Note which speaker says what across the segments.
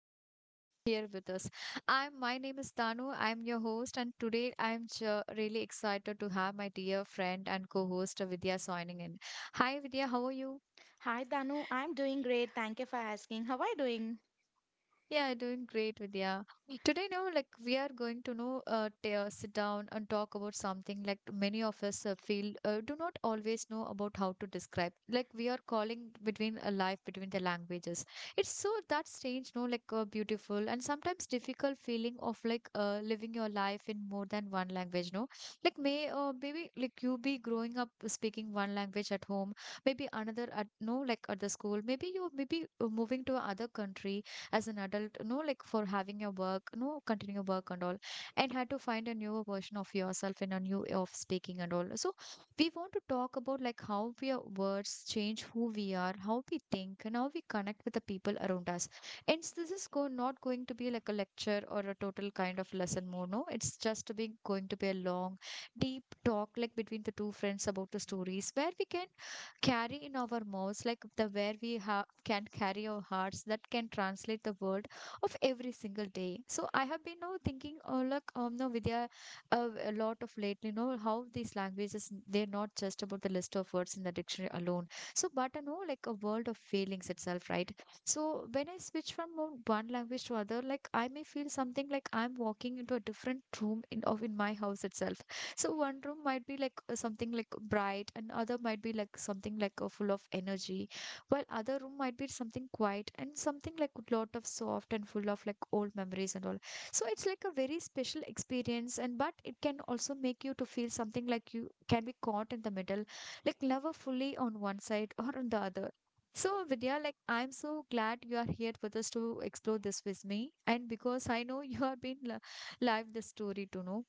Speaker 1: happy you are here with us. I'm my name is Tanu. I'm your host, and today I'm really excited to have my dear friend and co-host Vidya joining in. Hi, Vidya. How are you?
Speaker 2: Hi, Danu. I'm doing great. Thank you for asking. How are you doing?
Speaker 1: Yeah, doing great, Vidya. Today, no, like we are going to know, sit down and talk about something like many of us feel do not always know about how to describe. Like we are calling between a life between the languages. It's so that strange, no, like beautiful and sometimes difficult feeling of like living your life in more than one language. No, like maybe like you be growing up speaking one language at home, maybe another at no, like at the school, maybe moving to another country as an adult, no, like for having your work, no, continue your work and all, and had to find a newer version of yourself and a new way of speaking and all. So we want to talk about like our words change who we are, how we think, and how we connect with the people around us. This is not going to be like a lecture or a total kind of lesson more. No, it's just being going to be a long, deep talk like between the two friends about the stories where we can carry in our mouths like the where we can carry our hearts that can translate the word of every single day. So I have been now thinking, oh, look, no, Vidya, a lot of lately, you know how these languages, they're not just about the list of words in the dictionary alone. So but I know like a world of feelings itself, right? So when I switch from one language to other, like I may feel something like I'm walking into a different room in of in my house itself. So one room might be like something like bright, and other might be like something like full of energy, while other room might be something quiet and something like a lot of soft and full of like old memories and all. So it's like a very special experience, and but it can also make you to feel something like you can be caught in the middle, like never fully on one side or on the other. So, Vidya, like I'm so glad you are here with us to explore this with me, and because I know you have been live this story to know.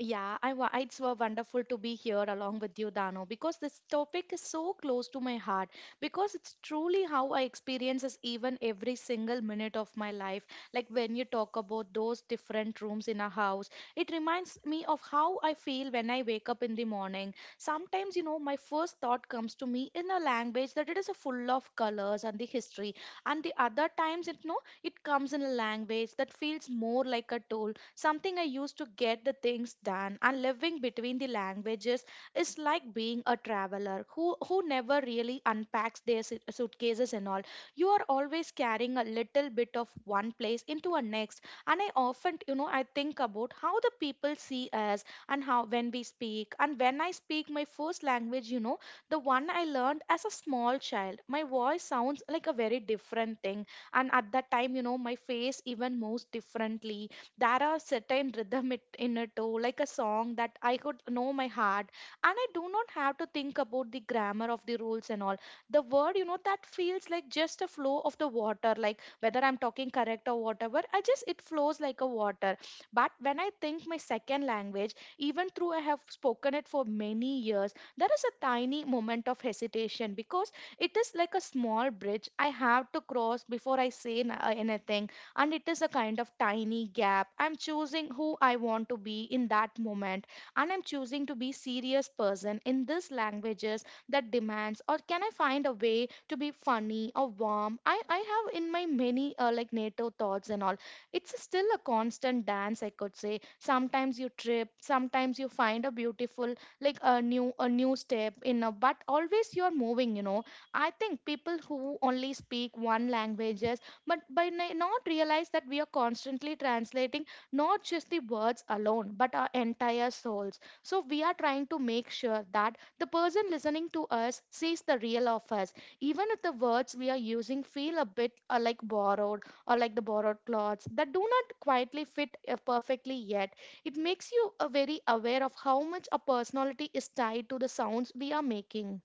Speaker 2: It's wonderful to be here along with you, Dano, because this topic is so close to my heart. Because it's truly how I experiences even every single minute of my life. Like when you talk about those different rooms in a house, it reminds me of how I feel when I wake up in the morning. Sometimes, you know, my first thought comes to me in a language that it is a full of colors and the history, and the other times, it, no, it comes in a language that feels more like a tool something I used to get the things done, and living between the languages is like being a traveler who never really unpacks their suitcases and all. You are always carrying a little bit of one place into a next, and I often, you know, I think about how the people see us and how when we speak, and when I speak my first language, you know, the one I learned as a small child, my voice sounds like a very different thing. And at that time, you know, my face even moves differently. There are certain rhythm in it too, like a song that I could know my heart, and I do not have to think about the grammar of the rules and all. The word, you know, that feels like just a flow of the water, like whether I'm talking correct or whatever, I just it flows like a water. But when I think my second language, even though I have spoken it for many years, there is a tiny moment of hesitation, because it is like a small bridge I have to cross before I say anything. And it is a kind of tiny gap I'm choosing who I want to be in that moment, and I'm choosing to be serious person in these languages that demands, or can I find a way to be funny or warm? I have in my many like native thoughts and all. It's still a constant dance, I could say. Sometimes you trip, sometimes you find a beautiful, like a new step in a, but always you're moving, you know. I think people who only speak one language, but not realize that we are constantly translating, not just the words alone, but our entire souls. So we are trying to make sure that the person listening to us sees the real of us, even if the words we are using feel a bit like borrowed, or like the borrowed clothes that do not quietly fit perfectly yet. It makes you very aware of how much a personality is tied to the sounds we are making.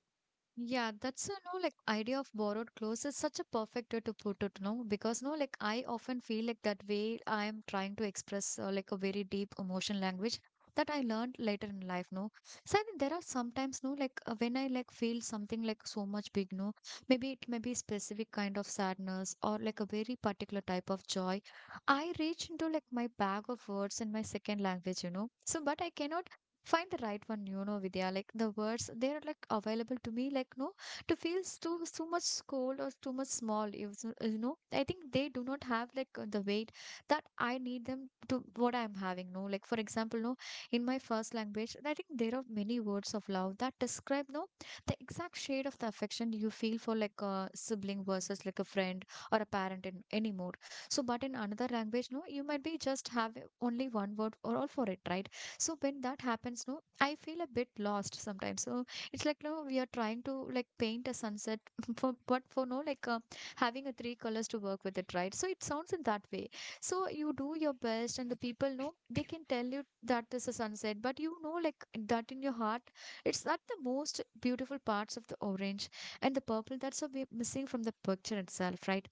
Speaker 1: Yeah, that's a no like idea of borrowed clothes is such a perfect way to put it, no? Because no, like I often feel like that way I am trying to express like a very deep emotion language that I learned later in life, no? So I think there are sometimes no like when I like feel something like so much big, no? Maybe it may be specific kind of sadness or like a very particular type of joy. I reach into like my bag of words in my second language, you know? So but I cannot find the right one, you know, Vidya. Like the words they're like available to me, like no, to feel too much cold or too much small, you you know, I think they do not have like the weight that I need them to what I'm having, no, like for example, no, in my first language, I think there are many words of love that describe, no, the exact shade of the affection you feel for like a sibling versus like a friend or a parent in anymore. So but in another language, no, you might be just have only one word or all for it, right? So when that happens, no, I feel a bit lost sometimes. So it's like no, we are trying to like paint a sunset for but for no like having a three colors to work with it, right? So it sounds in that way. So you do your best, and the people know they can tell you that this is sunset, but you know like that in your heart, it's not the most beautiful parts of the orange and the purple that's so be missing from the picture itself, right?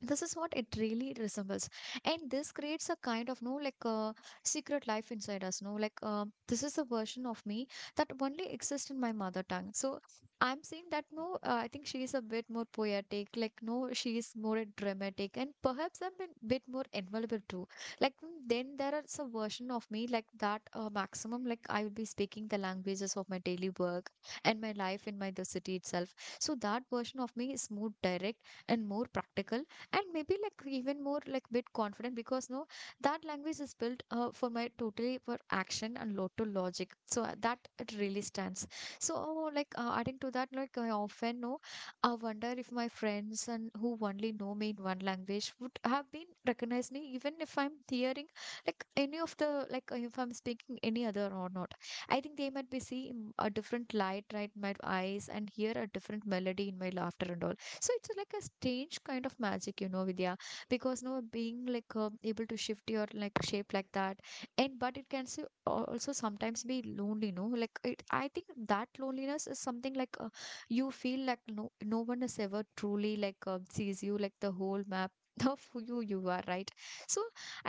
Speaker 1: This is what it really resembles. And this creates a kind of no like a secret life inside us, no, like this is a version of me that only exists in my mother tongue. So I'm saying that no, I think she is a bit more poetic, like no, she is more dramatic and perhaps a bit more invaluable too, like then there is a version of me like that maximum, like I will be speaking the languages of my daily work and my life in my the city itself. So that version of me is more direct and more practical and maybe like even more like bit confident because no, that language is built for my totally for action and lot to logic, so that it really stands. So adding to that, like I often know, I wonder if my friends and who only know me in one language would have been recognized me, even if I'm hearing like any of the like if I'm speaking any other or not. I think they might be seeing a different light, right, in my eyes and hear a different melody in my laughter and all. So it's like a strange kind of magic, you know, Vidya, because no being like able to shift your like shape like that, and but it can so, also sometimes be lonely, you know, like it, I think that loneliness is something like you feel like no, no one has ever truly like sees you like the whole map of who you are, right? So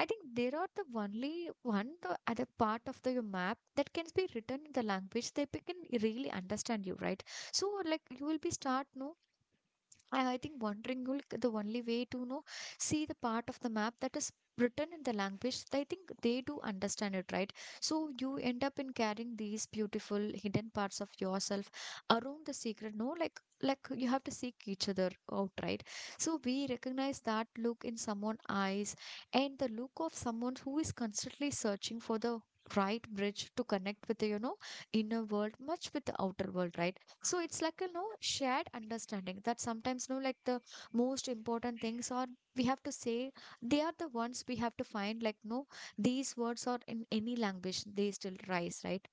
Speaker 1: I think there are the only one the other part of the map that can be written in the language they can really understand you, right? So like you will be start, no, and I think wandering will the only way to know see the part of the map that is written in the language. I think they do understand it, right? So you end up in carrying these beautiful hidden parts of yourself around the secret. No, like you have to seek each other out, right? So we recognize that look in someone's eyes and the look of someone who is constantly searching for the right bridge to connect with the, you know, inner world much with the outer world, right? So it's like a no shared understanding that sometimes no like the most important things are we have to say, they are the ones we have to find like no, these words are in any language, they still rise, right?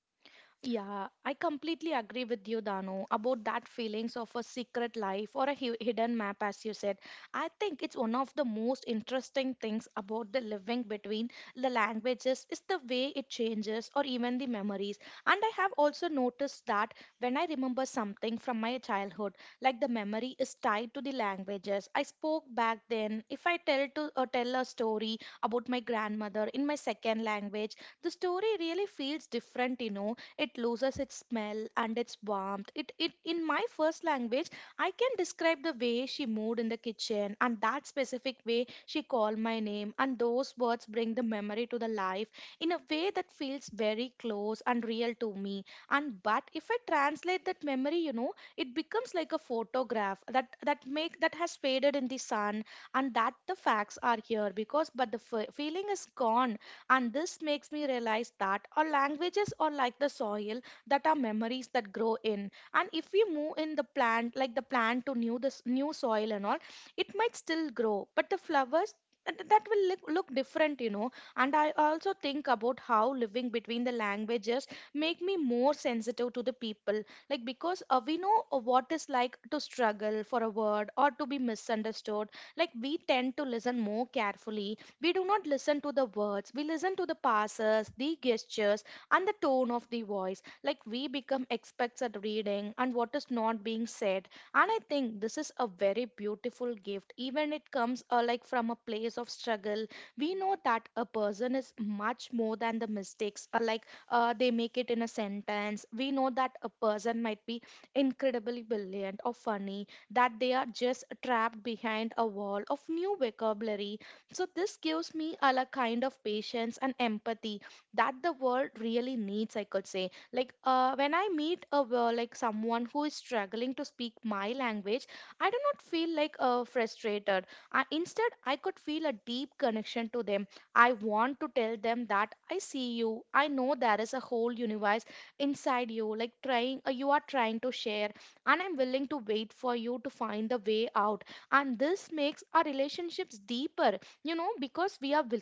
Speaker 2: Yeah, I completely agree with you, Dano, about that feelings of a secret life or a hidden map, as you said. I think it's one of the most interesting things about the living between the languages is the way it changes or even the memories. And I have also noticed that when I remember something from my childhood, like the memory is tied to the languages I spoke back then. If I tell to tell a story about my grandmother in my second language. The story really feels different, you know. It loses its smell and its warmth. It in my first language, I can describe the way she moved in the kitchen and that specific way she called my name, and those words bring the memory to the life in a way that feels very close and real to me. And but if I translate that memory, you know, it becomes like a photograph that that make that has faded in the sun, and that the facts are here because, but the feeling is gone. And this makes me realize that our languages are like the soil that our memories that grow in. And if we move in the plant, like the plant to new this new soil and all, it might still grow, but the flowers that will look different, you know. And I also think about how living between the languages make me more sensitive to the people, like because we know what is like to struggle for a word or to be misunderstood. Like we tend to listen more carefully. We do not listen to the words, we listen to the passes, the gestures, and the tone of the voice. Like we become experts at reading and what is not being said. And I think this is a very beautiful gift, even it comes like from a place of struggle. We know that a person is much more than the mistakes, they make it in a sentence. We know that a person might be incredibly brilliant or funny, that they are just trapped behind a wall of new vocabulary. So this gives me a la kind of patience and empathy that the world really needs, I could say. Like, when I meet a like someone who is struggling to speak my language, I do not feel like frustrated. Instead, I could feel a deep connection to them. I want to tell them that I see you. I know there is a whole universe inside you, like trying, you are trying to share, and I'm willing to wait for you to find the way out. And this makes our relationships deeper, you know, because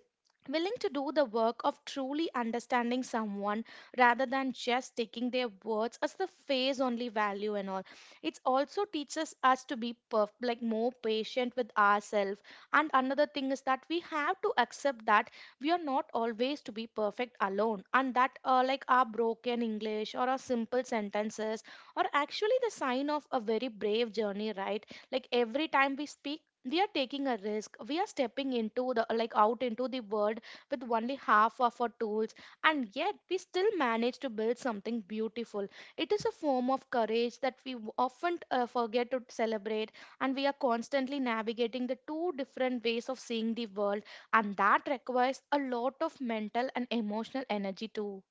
Speaker 2: willing to do the work of truly understanding someone rather than just taking their words as the face only value and all. It also teaches us to be like more patient with ourselves. And another thing is that we have to accept that we are not always to be perfect alone, and that like our broken English or our simple sentences are actually the sign of a very brave journey, right? Like every time we speak, we are taking a risk. We are stepping into the, like out into the world with only half of our tools, and yet we still manage to build something beautiful. It is a form of courage that we often forget to celebrate. And we are constantly navigating the two different ways of seeing the world, and that requires a lot of mental and emotional energy too.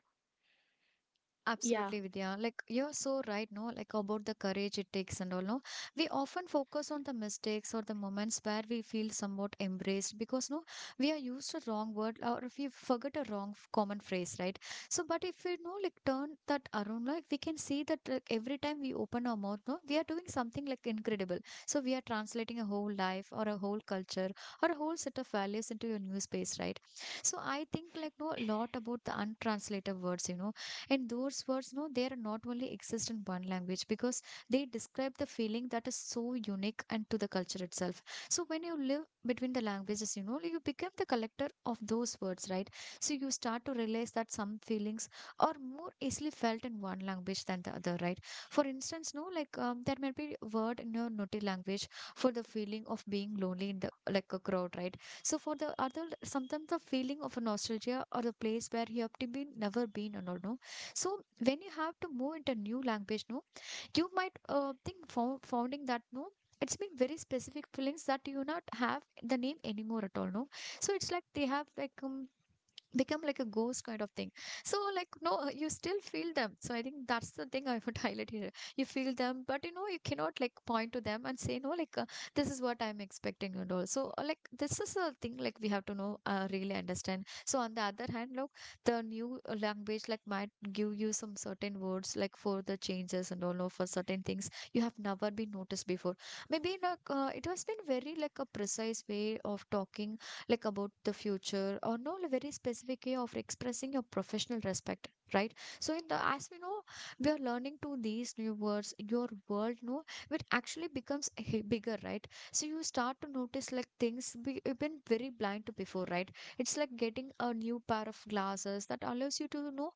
Speaker 1: Yeah,
Speaker 2: Yeah.
Speaker 1: absolutely, Vidya. Like you're so right, no? Like about the courage it takes and all, no? We often focus on the mistakes or the moments where we feel somewhat embraced because, no, we are used a wrong word or if we forget a wrong common phrase, right? So, but if we, no, like turn that around, like we can see that like, every time we open our mouth, no, we are doing something like incredible. So, we are translating a whole life or a whole culture or a whole set of values into your new space, right? So, I think like, no, a lot about the untranslated words, you know, and those words, no, they are not only exist in one language because they describe the feeling that is so unique and to the culture itself. So when you live between the languages, you know, you become the collector of those words, right? So you start to realize that some feelings are more easily felt in one language than the other, right? For instance, no, like there might be a word in your naughty language for the feeling of being lonely in the like a crowd, right? So for the other, sometimes the feeling of nostalgia or the place where you have to be never been and all, no, so when you have to move into new language, no, you might think founding that no, it's been very specific feelings that you not have the name anymore at all, no. So it's like they have become like a ghost kind of thing, so like no you still feel them. So I think that's the thing I would highlight here. You feel them, but you know you cannot like point to them and say, no like this is what I'm expecting and all. So like this is a thing like we have to know, really understand. So on the other hand, look, the new language like might give you some certain words, like for the changes and all, or for certain things you have never been noticed before. Maybe it has been very like a precise way of talking, like about the future, or no, a very specific way of expressing your professional respect, right? So in the, as we know, we are learning to these new words, your world, no, it actually becomes bigger, right? So you start to notice like things you've been very blind to before, right? It's like getting a new pair of glasses that allows you to know,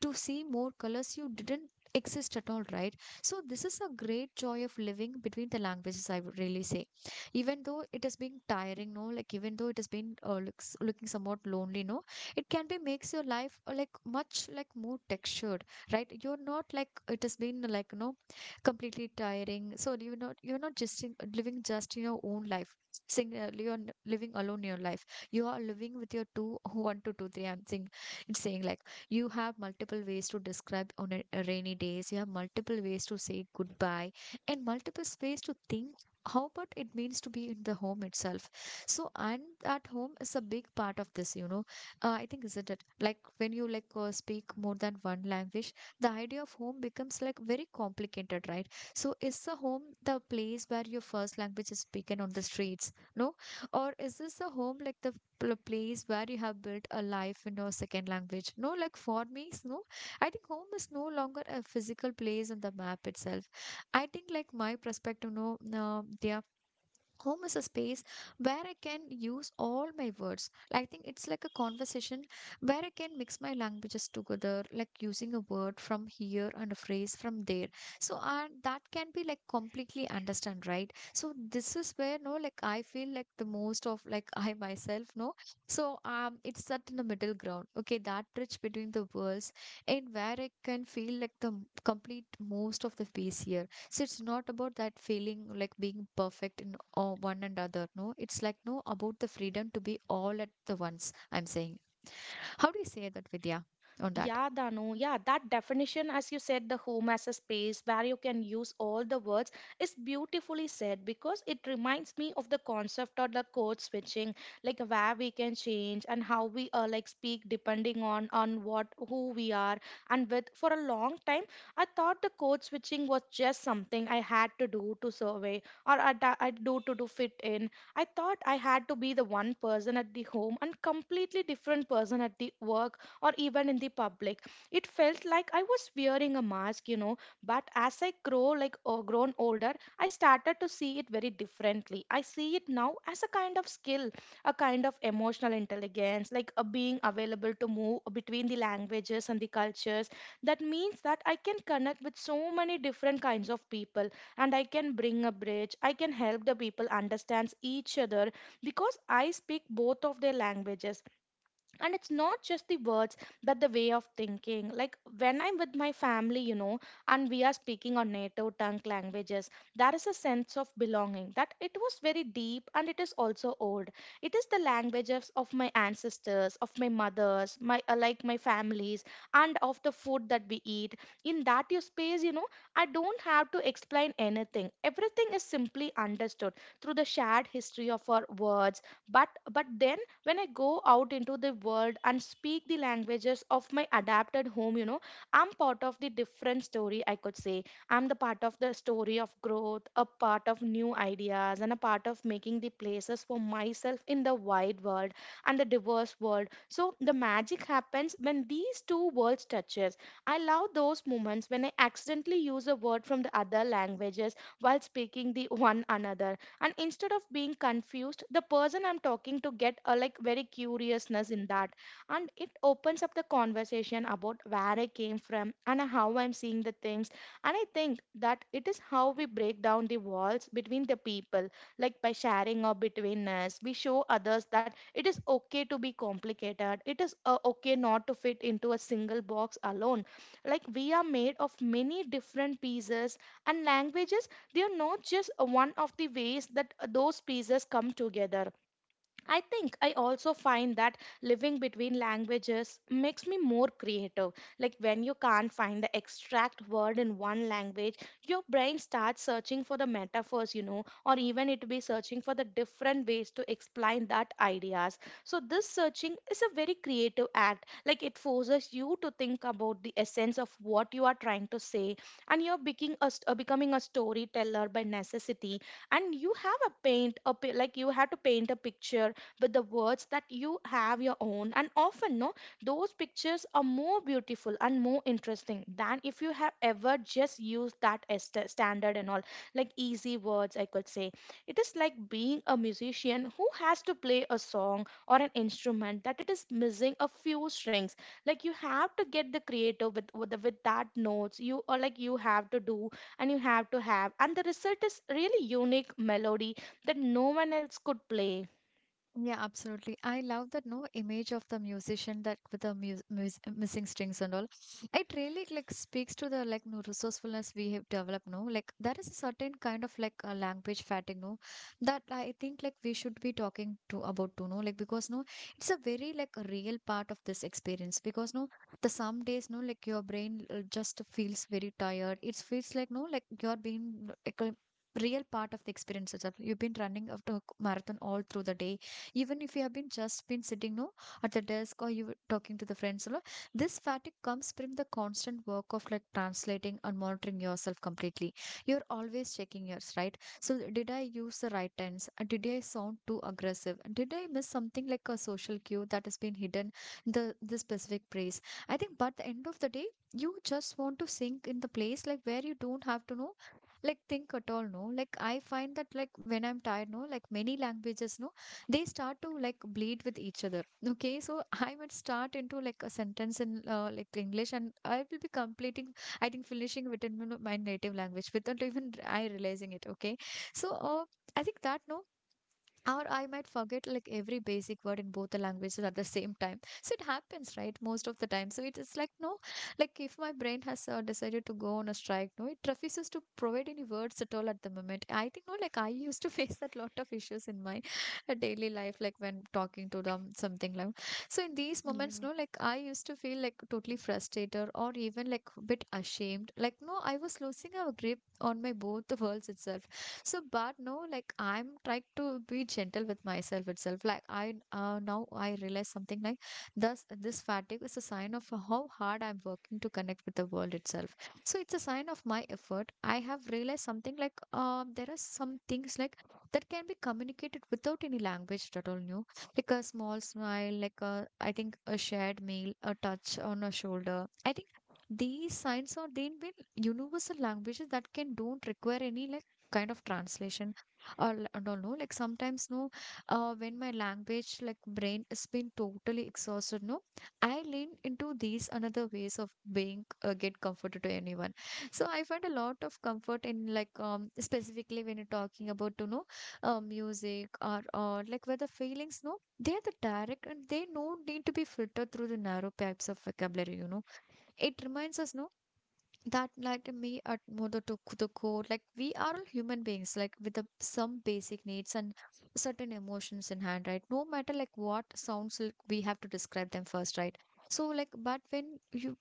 Speaker 1: to see more colors you didn't exist at all, right? So this is a great joy of living between the languages, I would really say. Even though it has been tiring, no, like even though it has been looking somewhat lonely, no, it can be makes your life like much like more textured, right? You're not like it has been like, you know, completely tiring. So you're not, you're not just living just in your own life. Sing You're living alone in your life. You are living with your two one to two three, I'm saying. It's saying like you have multiple ways to describe on a rainy days. You have multiple ways to say goodbye and multiple ways to think how about it means to be in the home itself. So and that home is a big part of this, you know. I think isn't it like when you speak more than one language, the idea of home becomes like very complicated, right? So is the home the place where your first language is spoken on the streets, no? Or is this the home like the place where you have built a life in your second language, no? No, I think home is no longer a physical place on the map itself. I think like my perspective, no, their home is a space where I can use all my words. I think it's like a conversation where I can mix my languages together, like using a word from here and a phrase from there. So and that can be like completely understand, right? So this is where, no, like I feel like the most of like I myself, no. So it's that in the middle ground. Okay, that bridge between the worlds, and where I can feel like the complete most of the space here. So it's not about that feeling like being perfect in all one and other. No, it's like no about the freedom to be all at the once, I'm saying. How do you say that, Vidya, on that?
Speaker 2: Yeah, Danu. Yeah, that definition, as you said, the home as a space where you can use all the words is beautifully said, because it reminds me of the concept of the code switching, like where we can change and how we like speak depending on what who we are and with. For a long time, I thought the code switching was just something I had to do to survey, or I do to do fit in. I thought I had to be the one person at the home and completely different person at the work or even in the public. It felt like I was wearing a mask, you know. But as I grow, like or grown older, I started to see it very differently. I see it now as a kind of skill, a kind of emotional intelligence, like a being available to move between the languages and the cultures. That means that I can connect with so many different kinds of people, and I can bring a bridge. I can help the people understand each other because I speak both of their languages, and it's not just the words but the way of thinking. Like when I'm with my family, and we are speaking our native tongue languages, there is a sense of belonging that it was very deep and it is also old. It is the languages of my ancestors, of my mothers, my like my families, and of the food that we eat. In that you space, I don't have to explain anything. Everything is simply understood through the shared history of our words. But then when I go out into the world and speak the languages of my adapted home, I'm part of the different story, I could say. I'm the part of the story of growth, a part of new ideas, and a part of making the places for myself in the wide world and the diverse world. So the magic happens when these two worlds touches. I love those moments when I accidentally use a word from the other languages while speaking the one another, and instead of being confused, the person I'm talking to get a like very curiousness in that, and it opens up the conversation about where I came from and how I'm seeing the things. And I think that it is how we break down the walls between the people, like by sharing or between us. We show others that it is okay to be complicated. It is okay not to fit into a single box alone. Like we are made of many different pieces, and languages, they are not just one of the ways that those pieces come together. I think I also find that living between languages makes me more creative. Like when you can't find the exact word in one language, your brain starts searching for the metaphors, you know, or even it be searching for the different ways to explain that ideas. So this searching is a very creative act. Like it forces you to think about the essence of what you are trying to say, and you're becoming becoming a storyteller by necessity. And you have a paint, like you have to paint a picture with the words that you have your own, and often no, those pictures are more beautiful and more interesting than if you have ever just used that as the standard and all, like easy words, I could say. It is like being a musician who has to play a song or an instrument that it is missing a few strings. Like you have to get the creative with that notes you, or like you have to do, and you have to have, and the result is really unique melody that no one else could play.
Speaker 1: Yeah, absolutely. I love that, no, image of the musician that with the mu mus missing strings and all. It really like speaks to the like no resourcefulness we have developed. No, like there is a certain kind of like a language fatigue, no, that I think like we should be talking to about to, no, like because no, it's a very like a real part of this experience because no, the some days no like your brain just feels very tired. It feels like no like you're being like a real part of the experience itself. You've been running after a marathon all through the day, even if you have been just been sitting, no, at the desk, or you were talking to the friends a lot. This fatigue comes from the constant work of like translating and monitoring yourself completely. You're always checking yours, right? So did I use the right tense? Did I sound too aggressive? And did I miss something like a social cue that has been hidden in the specific phrase, I think? But at the end of the day, you just want to sink in the place like where you don't have to know, like think at all, no. Like I find that like when I'm tired, no, like many languages, no, they start to like bleed with each other. Okay, so I might start into like a sentence in like English, and I will be completing, I think, finishing within my native language without even I realizing it. Okay, so I think that, no, or I might forget like every basic word in both the languages at the same time. So it happens, right? Most of the time. So it is like no, like if my brain has decided to go on a strike, no, it refuses to provide any words at all at the moment. I think no, like I used to face that lot of issues in my daily life, like when talking to them, something like. So in these moments,
Speaker 2: Yeah.
Speaker 1: no, like I used to feel like totally frustrated, or even like a bit ashamed. Like no, I was losing our grip on my both the worlds itself. So, but no, like I'm trying to be gentle with myself itself. Like I, now I realize something like thus this fatigue is a sign of how hard I'm working to connect with the world itself. So it's a sign of my effort. I have realized something like, there are some things like that can be communicated without any language at all. New, like a small smile, like a, I think, a shared meal, a touch on a shoulder, I think. These signs are then been universal languages that can don't require any like kind of translation, I don't know. Like sometimes no, when my language like brain has been totally exhausted, no, I lean into these another ways of being, get comforted to anyone. So I find a lot of comfort in specifically when you're talking about, you know, music, or like where the feelings no, they are the direct, and they no need to be filtered through the narrow pipes of vocabulary, you know. It reminds us no, that like me at mother to the core, like we are all human beings like with some basic needs and certain emotions in hand, right? No matter like what sounds like we have to describe them first, right? So like but when you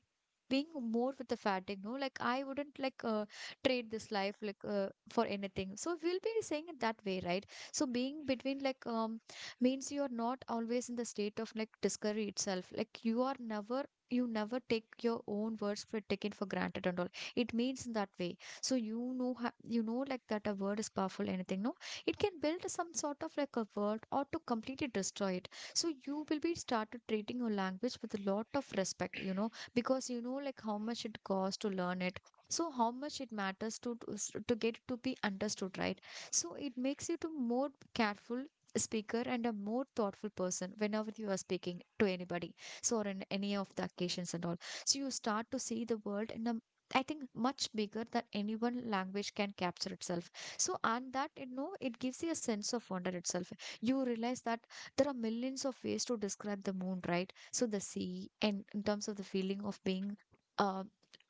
Speaker 1: being more with the fatigue no, like I wouldn't trade this life for anything, so we'll be saying it that way, right? So being between, means you are not always in the state of like discovery itself, like you are never, you never take your own words for taken for granted and all. It means in that way. So you know, you know like that a word is powerful anything, no, it can build some sort of like a world or to completely destroy it. So you will be started treating your language with a lot of respect, you know, because you know like how much it costs to learn it. So how much it matters to to get it to be understood, right? So it makes you to more careful speaker and a more thoughtful person whenever you are speaking to anybody. So, or in any of the occasions and all. So you start to see the world in a, I think, much bigger than any one language can capture itself. So and that, you know, it gives you a sense of wonder itself. You realize that there are millions of ways to describe the moon, right? So the sea, and in terms of the feeling of being uh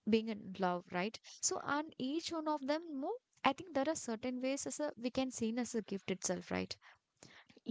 Speaker 1: being in love, right? So and each one of them, you know, I think there are certain ways as a we can see as a gift itself, right?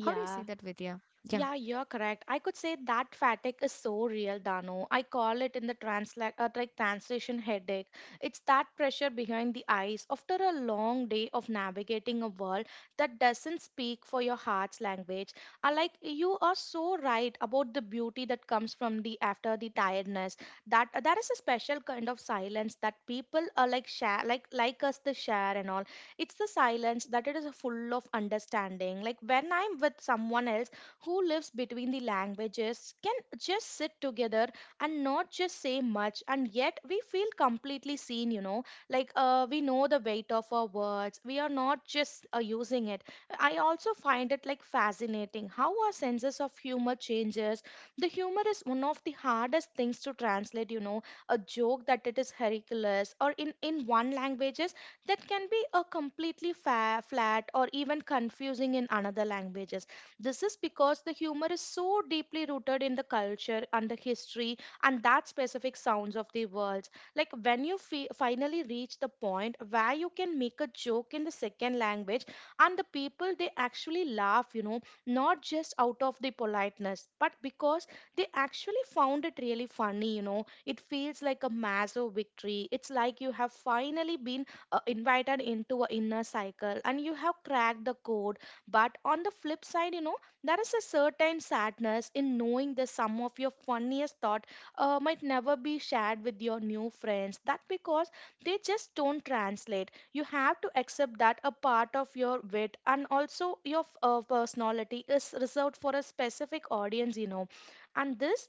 Speaker 1: How do you see that, Vidya? Yeah,
Speaker 2: yeah, you're correct. I could say that fatigue is so real, Dano. I call it in the like translation headache. It's that pressure behind the eyes after a long day of navigating a world that doesn't speak for your heart's language. I like you are so right about the beauty that comes from the after the tiredness. That there is a special kind of silence that people are like share, like us to share and all. It's the silence that it is full of understanding. Like when I'm with someone else who lives between the languages can just sit together and not just say much, and yet we feel completely seen, you know. Like we know the weight of our words, we are not just using it. I also find it like fascinating how our senses of humor changes. The humor is one of the hardest things to translate, you know. A joke that it is ridiculous or in one languages, that can be a completely flat or even confusing in another languages. This is because the humor is so deeply rooted in the culture and the history and that specific sounds of the words. Like when you finally reach the point where you can make a joke in the second language, and the people they actually laugh, you know, not just out of the politeness, but because they actually found it really funny, you know. It feels like a massive victory. It's like you have finally been invited into a inner cycle and you have cracked the code. But on the flip side, you know, there is a certain sadness in knowing that some of your funniest thought might never be shared with your new friends. That because they just don't translate. You have to accept that a part of your wit and also your personality is reserved for a specific audience, you know. And this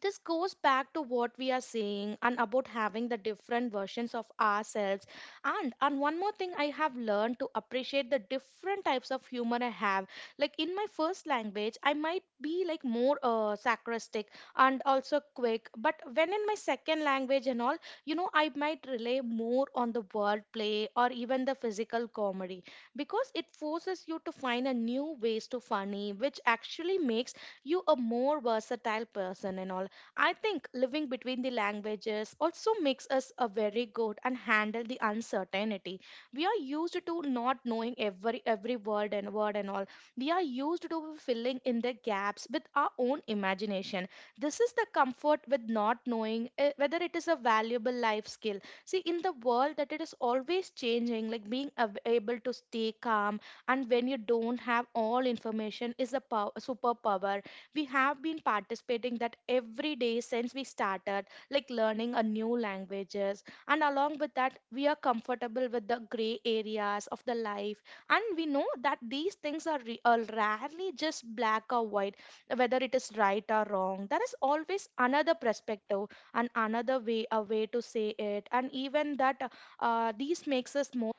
Speaker 2: this goes back to what we are saying and about having the different versions of ourselves. And one more thing, I have learned to appreciate the different types of humor I have. Like in my first language I might be like more sarcastic and also quick, but when in my second language and all, you know, I might rely more on the word play or even the physical comedy, because it forces you to find a new ways to funny, which actually makes you a more versatile person and all. I think living between the languages also makes us a very good and handle the uncertainty. We are used to not knowing every word and word and all. We are used to filling in the gaps with our own imagination. This is the comfort with not knowing eh, whether it is a valuable life skill. See, in the world that it is always changing, like being able to stay calm and when you don't have all information is a superpower. We have been participating that every day since we started like learning a new languages, and along with that we are comfortable with the gray areas of the life. And we know that these things are rarely just black or white. Whether it is right or wrong, there is always another perspective and another way to say it. And even that, these makes us more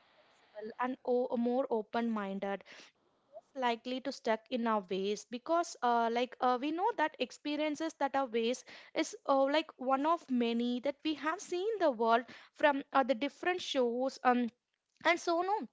Speaker 2: more open minded, likely to stuck in our ways, because we know that experiences that are ways is like one of many that we have seen the world from, the different shows. And so no,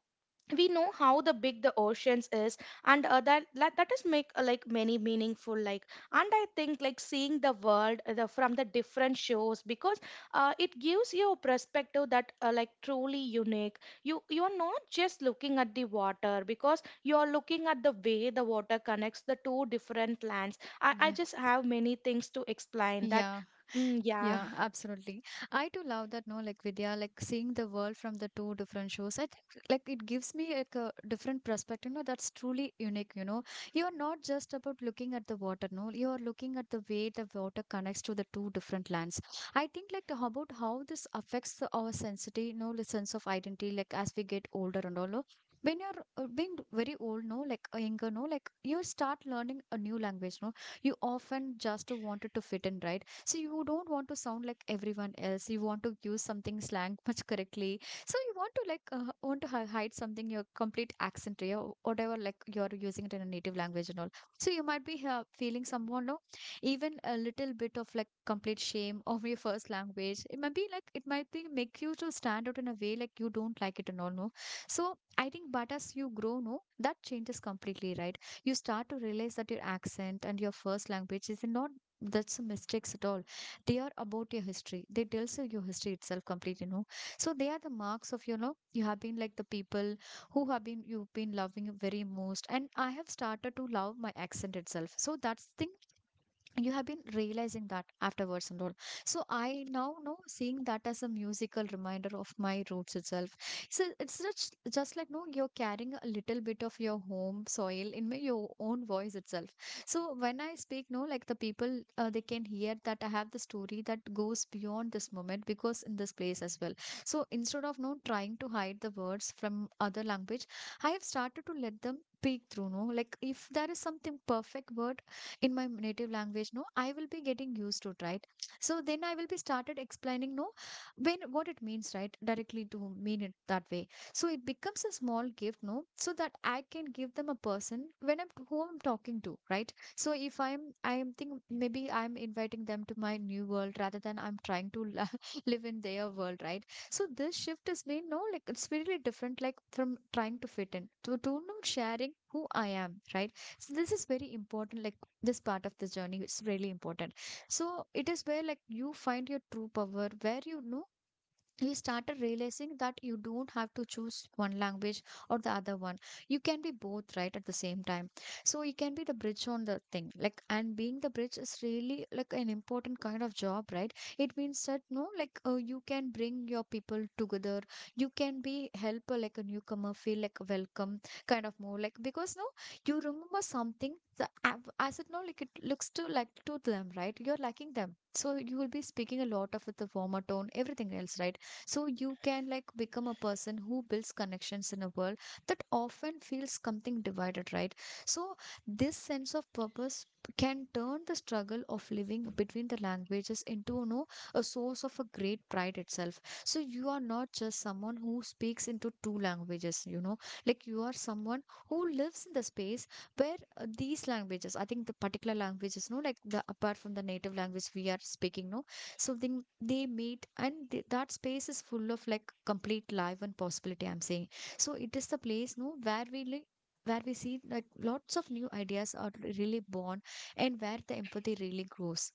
Speaker 2: we know how the big the oceans is. And that is make like many meaningful like. And I think like seeing the world, from the different shows, because it gives you a perspective that like truly unique. You are not just looking at the water because you are looking at the way the water connects the two different lands. I
Speaker 1: yeah.
Speaker 2: just have many things to explain that.
Speaker 1: Yeah.
Speaker 2: Mm, yeah.
Speaker 1: Yeah, absolutely. I too love that, no, like Vidya, like seeing the world from the two different shows. I think like it gives me like a different perspective, no, that's truly unique, you know. You're not just about looking at the water, no, you are looking at the way the water connects to the two different lands. I think like the, how about how this affects the, our sensitivity, no, the sense of identity, like as we get older and all, no? When you're being very old, no, like younger, no, like you start learning a new language, no, you often just wanted to fit in, right? So you don't want to sound like everyone else. You want to use something slang much correctly. So you want to want to hide something your complete accent, your whatever like you're using it in a native language and all. So you might be feeling someone no, even a little bit of like complete shame of your first language. It might be like it might be make you to stand out in a way like you don't like it and all no. So I think, but as you grow no, that changes completely right. You start to realize that your accent and your first language is not, that's a mistakes at all, they are about your history, they tells you your history itself complete you know, so they are the marks of you know, you have been like the people who have been you've been loving very most, and I have started to love my accent itself, so that's thing, you have been realizing that afterwards and all. So I now know seeing that as a musical reminder of my roots itself. So it's just like no, you're carrying a little bit of your home soil in your own voice itself. So when I speak no, like the people they can hear that I have the story that goes beyond this moment, because in this place as well. So instead of no trying to hide the words from other language, I have started to let them peek through no, like if there is something perfect word in my native language no, I will be getting used to it right. So then I will be started explaining no, when what it means right directly to mean it that way. So it becomes a small gift no, so that I can give them a person when I'm who I'm talking to right. So if I am think maybe I'm inviting them to my new world rather than I'm trying to live in their world right. So this shift has been no, like it's really different, like from trying to fit in to no, sharing who I am right. So this is very important, like this part of the journey is really important. So it is where like you find your true power, where you know you started realizing that you don't have to choose one language or the other one. You can be both right at the same time. So you can be the bridge on the thing like, and being the bridge is really like an important kind of job right. It means that no, like you can bring your people together, you can be help like a newcomer feel like welcome, kind of more like, because no, you remember something the, as it now like it looks to like to them right, you're lacking them, so you will be speaking a lot of with the warmer tone everything else right. So you can like become a person who builds connections in a world that often feels something divided right. So this sense of purpose can turn the struggle of living between the languages into no, a source of a great pride itself. So you are not just someone who speaks into two languages, you know, like you are someone who lives in the space where these languages, I think the particular languages no, like the apart from the native language we are speaking no, so then they meet and that space is full of like complete life and possibility, I'm saying. So it is the place no, where we like, where we see like lots of new ideas are really born, and where the empathy really grows.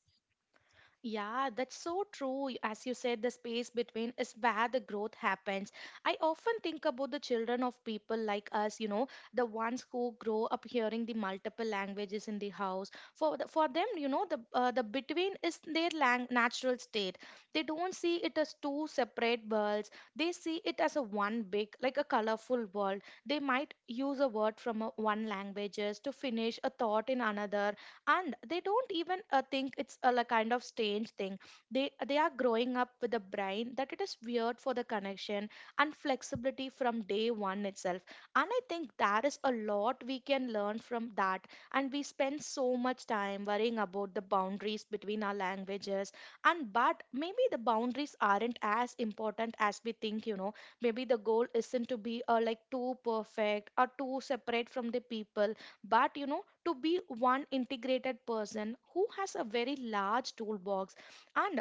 Speaker 2: Yeah, that's so true. As you said, the space between is where the growth happens. I often think about the children of people like us, you know, the ones who grow up hearing the multiple languages in the house. For them, you know, the between is their natural state. They don't see it as two separate worlds. They see it as a one big, like a colorful world. They might use a word from one languages to finish a thought in another, and they don't even think it's a like, kind of strange thing. They are growing up with a brain that it is weird for the connection and flexibility from day one itself. And I think there is a lot we can learn from that. And we spend so much time worrying about the boundaries between our languages, and but maybe the boundaries aren't as important as we think, you know. Maybe the goal isn't to be like too perfect or too separate from the people, but, you know, to be one integrated person who has a very large toolbox. And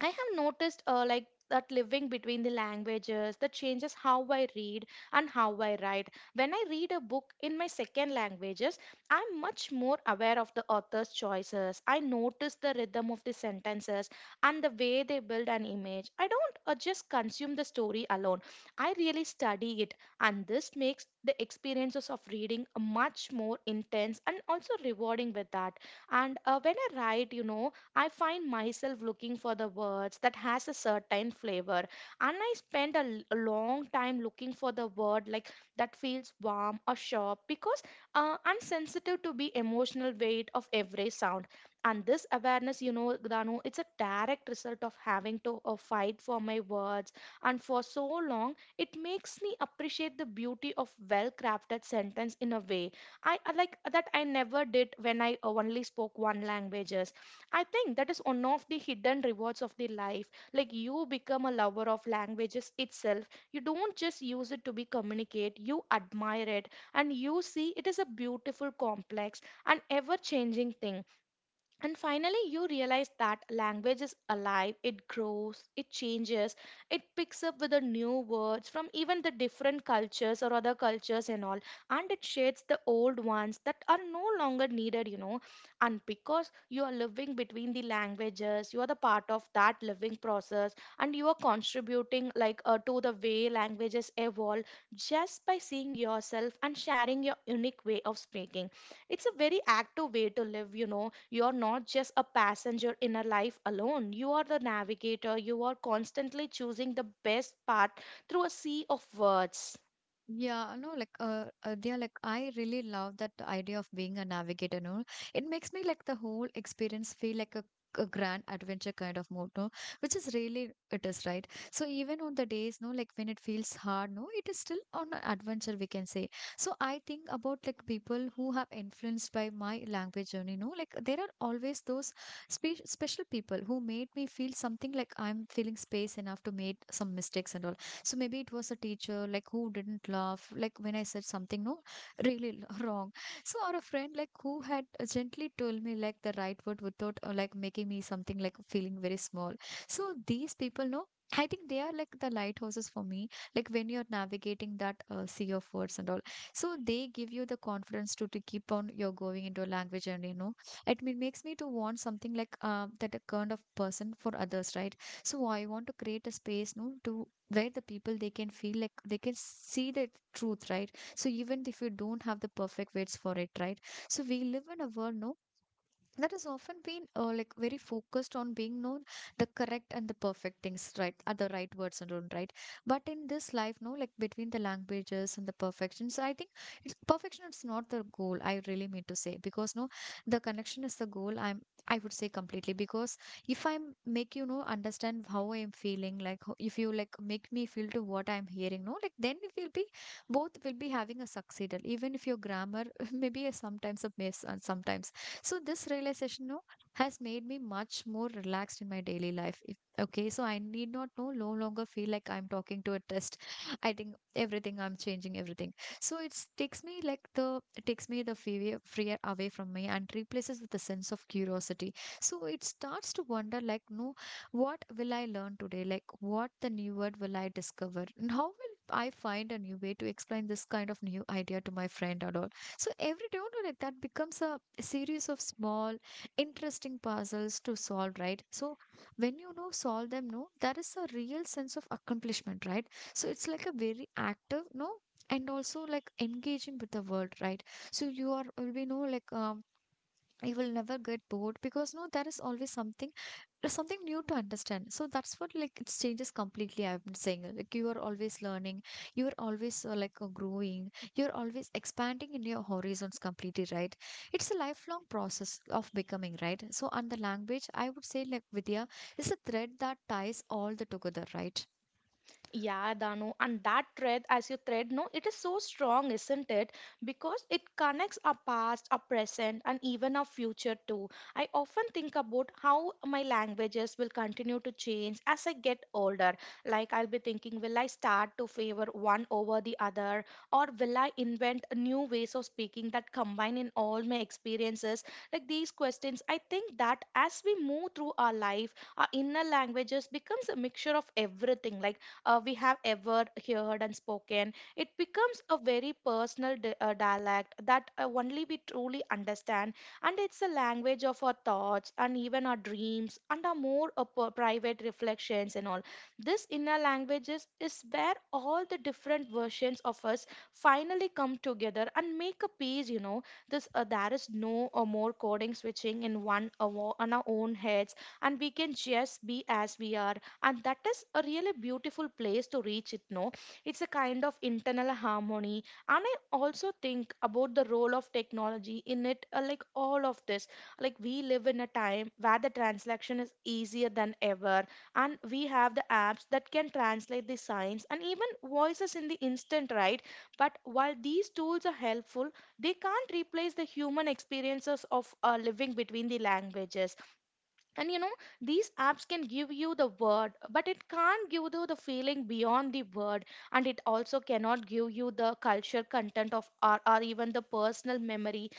Speaker 2: I have noticed like that living between the languages that changes how I read and how I write. When I read a book in my second languages, I'm much more aware of the author's choices. I notice the rhythm of the sentences and the way they build an image. I don't just consume the story alone. I really study it, and this makes the experiences of reading much more intense and also rewarding with that. And when I write, you know, I find myself looking for the words that has a certain flavor, and I spend a long time looking for the word like that feels warm or sharp, because I'm sensitive to the emotional weight of every sound. And this awareness, you know, Danu, it's a direct result of having to fight for my words, and for so long, it makes me appreciate the beauty of well-crafted sentence in a way I like that I never did when I only spoke one language. I think that is one of the hidden rewards of the life. Like you become a lover of languages itself. You don't just use it to be communicate, you admire it and you see it is a beautiful complex and ever changing thing. And finally, you realize that language is alive. It grows, it changes, it picks up with the new words from even the different cultures or other cultures and all, and it shades the old ones that are no longer needed, you know. And because you are living between the languages, you are the part of that living process, and you are contributing like to the way languages evolve just by seeing yourself and sharing your unique way of speaking. It's a very active way to live, you know. You're not just a passenger in a life alone. You are the navigator. You are constantly choosing the best path through a sea of words.
Speaker 1: Yeah, no, like they are like I really love that idea of being a navigator. No, it makes me like the whole experience feel like a grand adventure kind of mode, no, which is really it is right. So even on the days, no, like when it feels hard, no, it is still on an adventure we can say. So I think about like people who have influenced by my language journey, no, like there are always those special people who made me feel something like I'm feeling space enough to make some mistakes and all. So maybe it was a teacher like who didn't laugh, like when I said something no really wrong. So or a friend like who had gently told me like the right word without like making me something like feeling very small. So these people know. I think they are like the lighthouses for me. Like when you're navigating that sea of words and all, so they give you the confidence to keep on your going into a language. And you know, it makes me to want something like that a kind of person for others, right? So I want to create a space, no, to where the people they can feel like they can see the truth right. So even if you don't have the perfect words for it right, so we live in a world no, that has often been like very focused on being known the correct and the perfect things right, are the right words and all right. But in this life no, like between the languages and the perfections, I think perfection is not the goal, I really mean to say, because no, the connection is the goal, I would say completely. Because if I make you know understand how I am feeling, like if you like make me feel to what I'm hearing no, like then we will be both will be having a succeeded, even if your grammar maybe a sometimes a mess and sometimes. So this realization no, has made me much more relaxed in my daily life. If, okay, so I need not no, no longer feel like I'm talking to a test. I think everything, I'm changing everything. So it takes me like the, it takes me the fear away from me and replaces with a sense of curiosity. So it starts to wonder like no, what will I learn today? Like what the new word will I discover? And how will I find a new way to explain this kind of new idea to my friend or all? So every day, you know, like that becomes a series of small interesting puzzles to solve right. So when you know solve them no, there is a real sense of accomplishment right. So it's like a very active no, and also like engaging with the world right. So you are will be no, like you will never get bored, because no, there is always something, there's something new to understand. So that's what like it changes completely, I've been saying like you are always learning, you are always like growing, you're always expanding in your horizons completely right. It's a lifelong process of becoming right. So on the language I would say like, Vidya, is a thread that ties all the together right.
Speaker 2: Yeah, Danu, and that thread, as you thread, no, it is so strong, isn't it? Because it connects our past, our present, and even our future too. I often think about how my languages will continue to change as I get older. Like, I'll be thinking, will I start to favor one over the other, or will I invent new ways of speaking that combine in all my experiences? Like, these questions, I think that as we move through our life, our inner languages becomes a mixture of everything. Like, we have ever heard and spoken. It becomes a very personal dialect that only we truly understand, and it's a language of our thoughts and even our dreams and our more private reflections and all. This inner languages is where all the different versions of us finally come together and make a piece. You know, this there is no more coding switching in one on our own heads, and we can just be as we are, and that is a really beautiful place to reach it, no? It's a kind of internal harmony, and I also think about the role of technology in it, like all of this. Like, we live in a time where the translation is easier than ever, and we have the apps that can translate the signs and even voices in the instant, right? But while these tools are helpful, they can't replace the human experiences of living between the languages. And you know, these apps can give you the word, but it can't give you the feeling beyond the word. And it also cannot give you the culture content of or even the personal memory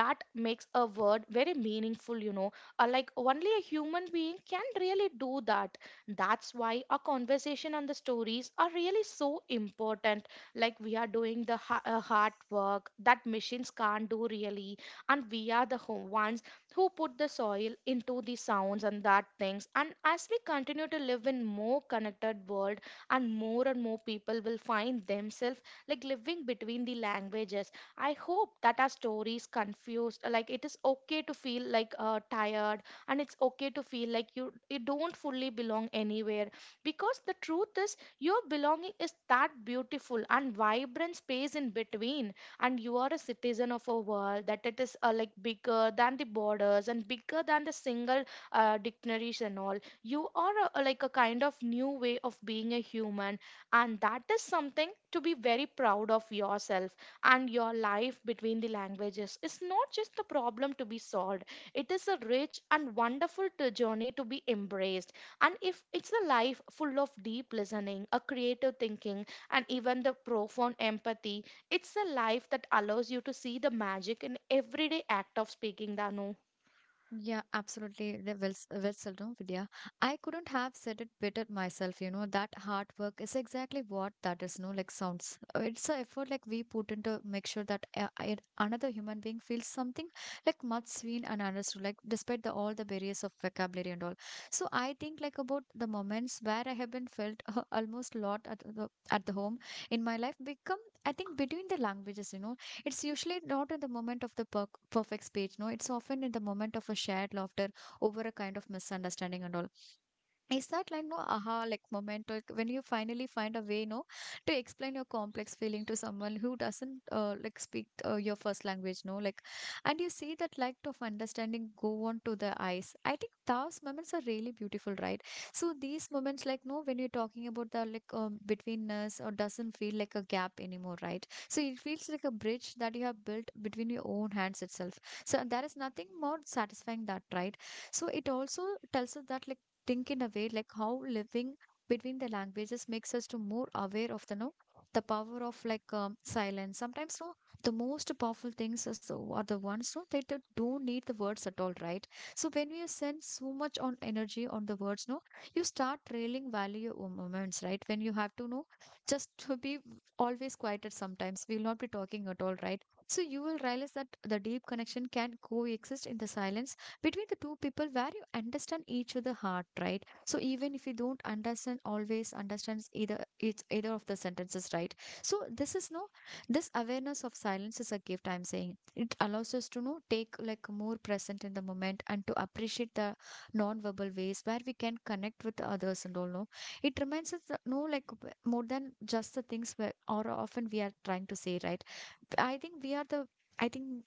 Speaker 2: that makes a word very meaningful, you know. Like, only a human being can really do that. That's why a conversation and the stories are really so important. Like, we are doing the hard work that machines can't do really, and we are the ones who put the soil into the sounds and that things. And as we continue to live in more connected world, and more people will find themselves like living between the languages, I hope that our stories confused like it is okay to feel like tired, and it's okay to feel like you don't fully belong anywhere, because the truth is your belonging is that beautiful and vibrant space in between. And you are a citizen of a world that it is like bigger than the borders and bigger than the single dictionaries and all. You are a, like a kind of new way of being a human, and that is something to be very proud of yourself. And your life between the languages is not just a problem to be solved. It is a rich and wonderful journey to be embraced. And if it's a life full of deep listening, a creative thinking, and even the profound empathy, it's a life that allows you to see the magic in everyday act of speaking, Danu.
Speaker 1: Yeah, absolutely. The, well said, no, Vidya. I couldn't have said it better myself. You know, that hard work is exactly what that is. No, like sounds. It's an effort like we put into make sure that another human being feels something like much seen and understood, like despite the all the barriers of vocabulary and all. So I think like about the moments where I have been felt almost lot at the home in my life become. I think between the languages, you know, it's usually not in the moment of the perfect speech, no, it's often in the moment of a shared laughter over a kind of misunderstanding and all. Is that like no aha like moment or when you finally find a way no to explain your complex feeling to someone who doesn't like speak your first language no like and you see that light of understanding go on to the eyes. I think those moments are really beautiful right. So these moments like no when you're talking about the like between us or doesn't feel like a gap anymore right, so it feels like a bridge that you have built between your own hands itself. So there is nothing more satisfying that right. So it also tells us that like think in a way like how living between the languages makes us to more aware of the no the power of like silence sometimes no. The most powerful things are the ones no that don't need the words at all right. So when you send so much on energy on the words no you start trailing value your own moments right when you have to know just to be always quieted sometimes we will not be talking at all right. So you will realize that the deep connection can coexist in the silence between the two people where you understand each other heart right, so even if you don't understand always understands either it's either of the sentences right. So this is no this awareness of silence is a gift I'm saying, it allows us to know take like more present in the moment and to appreciate the non-verbal ways where we can connect with others and all no. It reminds us that, no like w- more than just the things where or often we are trying to say right. I think we are the I think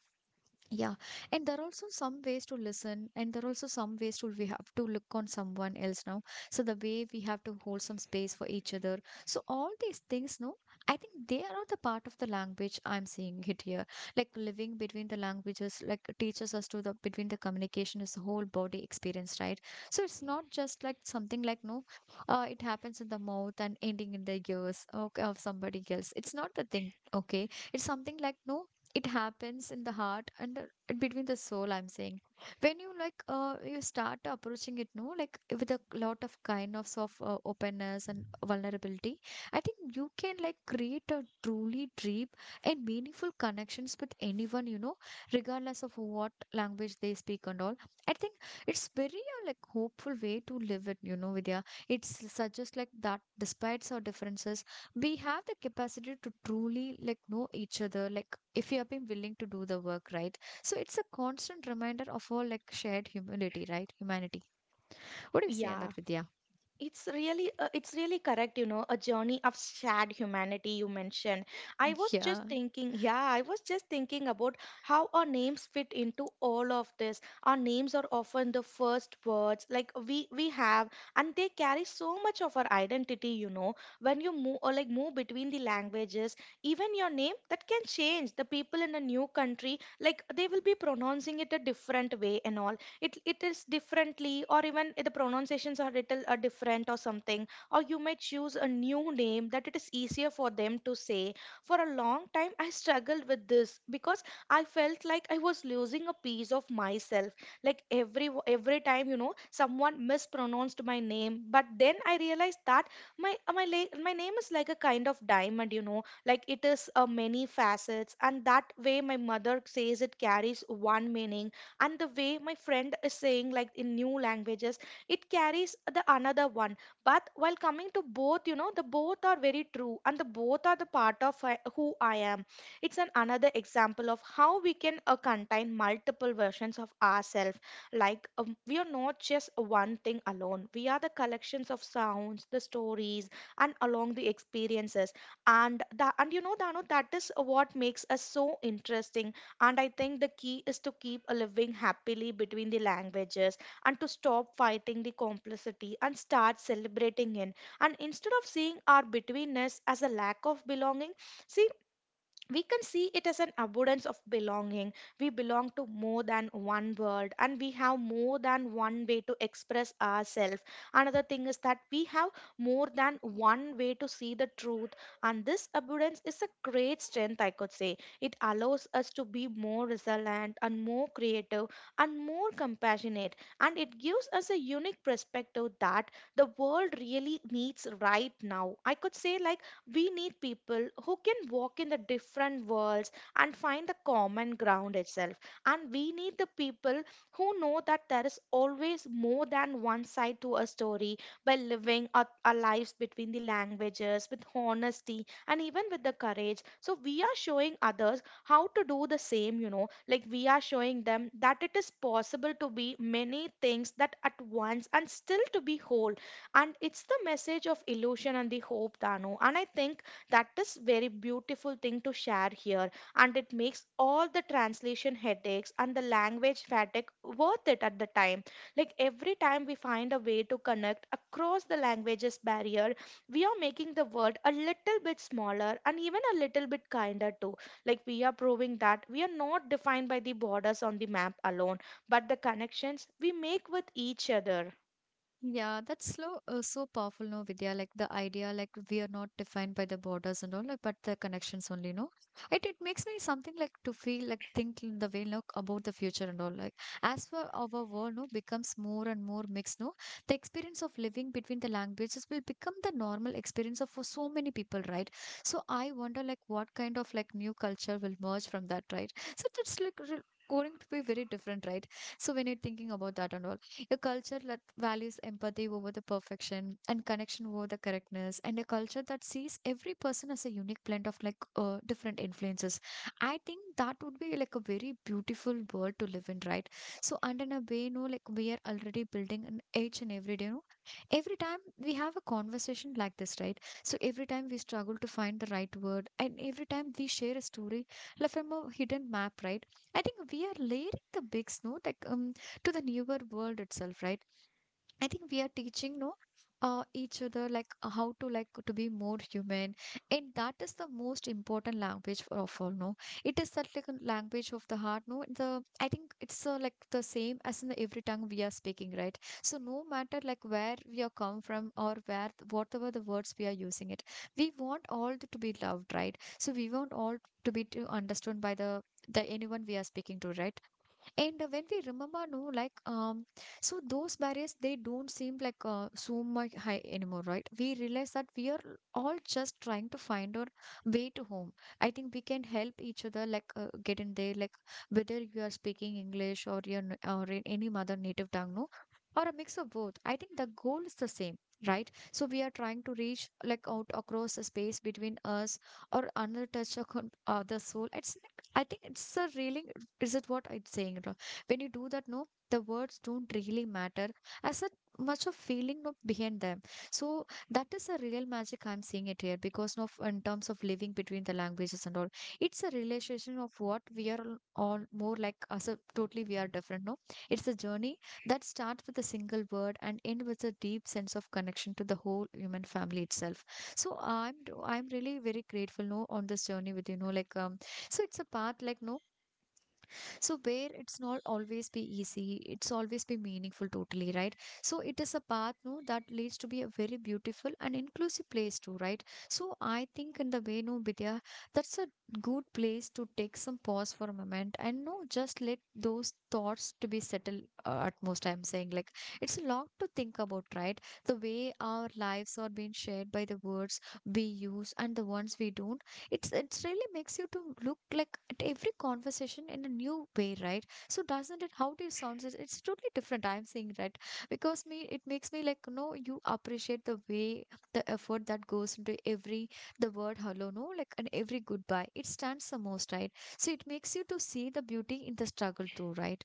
Speaker 1: yeah, and there are also some ways to listen, and there are also some ways to we have to look on someone else now. So the way we have to hold some space for each other. So all these things, no, I think they are all the part of the language I'm seeing it here. Like living between the languages, like teaches us to the between the communication is the whole body experience, right? So it's not just like something like no, it happens in the mouth and ending in the ears okay, of somebody else. It's not the thing, okay? It's something like no it happens in the heart and in between the soul I'm saying when you like you start approaching it no like with a lot of kind of soft openness and vulnerability. I think you can like create a truly deep and meaningful connections with anyone, you know, regardless of what language they speak and all. I think it's very like hopeful way to live it, you know, Vidya. It's such as like that despite our differences we have the capacity to truly like know each other, like if you have been willing to do the work right. So it's a constant reminder of our like shared humility right, humanity. What do you say on
Speaker 2: Yeah.
Speaker 1: that, Vidya?
Speaker 2: It's really correct, you know, a journey of shared humanity you mentioned. I was just
Speaker 1: Yeah,
Speaker 2: thinking, yeah, I was just thinking about how our names fit into all of this. Our names are often the first words like we have, and they carry so much of our identity, you know. When you move or like move between the languages, even your name that can change. The people in a new country, like they will be pronouncing it a different way and all. It is differently, or even the pronunciations are little are different or something, or you may choose a new name that it is easier for them to say. For a long time, I struggled with this because I felt like I was losing a piece of myself, like every time, you know, someone mispronounced my name. But then I realized that my name is like a kind of diamond, you know, like it is a many facets, and that way my mother says it carries one meaning, and the way my friend is saying like in new languages, it carries the another one. But while coming to both, you know, the both are very true, and the both are the part of who I am. It's an another example of how we can contain multiple versions of ourselves. Like, we are not just one thing alone. We are the collections of sounds, the stories, and along the experiences. And the and you know, Dano, that is what makes us so interesting. And I think the key is to keep a living happily between the languages and to stop fighting the complexity and start celebrating it. And instead of seeing our betweenness as a lack of belonging, see, we can see it as an abundance of belonging. We belong to more than one world, and we have more than one way to express ourselves. Another thing is that we have more than one way to see the truth, and this abundance is a great strength, I could say. It allows us to be more resilient and more creative and more compassionate, and it gives us a unique perspective that the world really needs right now. I could say, like, we need people who can walk in the different worlds and find the common ground itself. And we need the people who know that there is always more than one side to a story. By living our lives between the languages with honesty and even with the courage. So we are showing others how to do the same, you know, like we are showing them that it is possible to be many things that at once and still to be whole. And it's the message of illusion and the hope, Dano, and I think that is very beautiful thing to share here. And it makes all the translation headaches and the language fatigue worth it at the time. Like, every time we find a way to connect across the languages barrier, we are making the world a little bit smaller and even a little bit kinder too. Like, we are proving that we are not defined by the borders on the map alone, but the connections we make with each other.
Speaker 1: yeah, that's slow, so powerful, no, Vidya. Like the idea, like we are not defined by the borders and all, like, but the connections only, no. It makes me something like to feel like think in the way, look about the future and all. Like as for our world, no, becomes more and more mixed, no. The experience of living between the languages will become the normal experience of for so many people, right? So I wonder, like, what kind of like new culture will merge from that, right? So Going to be very different, right? So when you're thinking about that and all. A culture that values empathy over the perfection and connection over the correctness, and a culture that sees every person as a unique blend of like different influences. I think that would be like a very beautiful world to live in, right? So, and in a way, you know, like we are already building an each and every day, you know, every time we have a conversation like this, right? So, every time we struggle to find the right word, and every time we share a story, like from a hidden map, right? I think we are layering the big snow, like to the newer world itself right. I think we are teaching no each other like how to like to be more human, and that is the most important language for of all no. It is such like a language of the heart no the. I think it's like the same as in every tongue we are speaking right, so no matter like where we are come from or where whatever the words we are using it, we want all the, to be loved right, so we want all to be to understood by the anyone we are speaking to right. And when we remember, no, like, so those barriers, they don't seem like so much high anymore, right? We realize that we are all just trying to find our way to home. I think we can help each other, like, get in there, like, whether you are speaking English or or in any other native tongue, no, or a mix of both. I think the goal is the same. Right, so we are trying to reach like out across the space between us or another touch upon other soul. It's I think it's a really, is it what I'm saying? It wrong? When you do that, no, the words don't really matter as a much of feeling no, behind them. So that is a real magic I'm seeing it here because of in terms of living between the languages and all, it's a realization of what we are all more like as a totally we are different. No, it's a journey that starts with a single word and end with a deep sense of connection to the whole human family itself. So I'm really very grateful no on this journey with you know like so it's a path like no, so where it's not always be easy, it's always be meaningful totally, right? So it is a path no that leads to be a very beautiful and inclusive place too, right? So I think in the way no Vidya, that's a good place to take some pause for a moment and no just let those thoughts to be settled at most I'm saying like it's a lot to think about, right? The way our lives are being shared by the words we use and the ones we don't, it's it really makes you to look like at every conversation in a new way right, so doesn't it how do you sound it's totally different I'm saying right. Because me it makes me like no you appreciate the way the effort that goes into every the word hello no like and every goodbye it stands the most right, so it makes you to see the beauty in the struggle too right.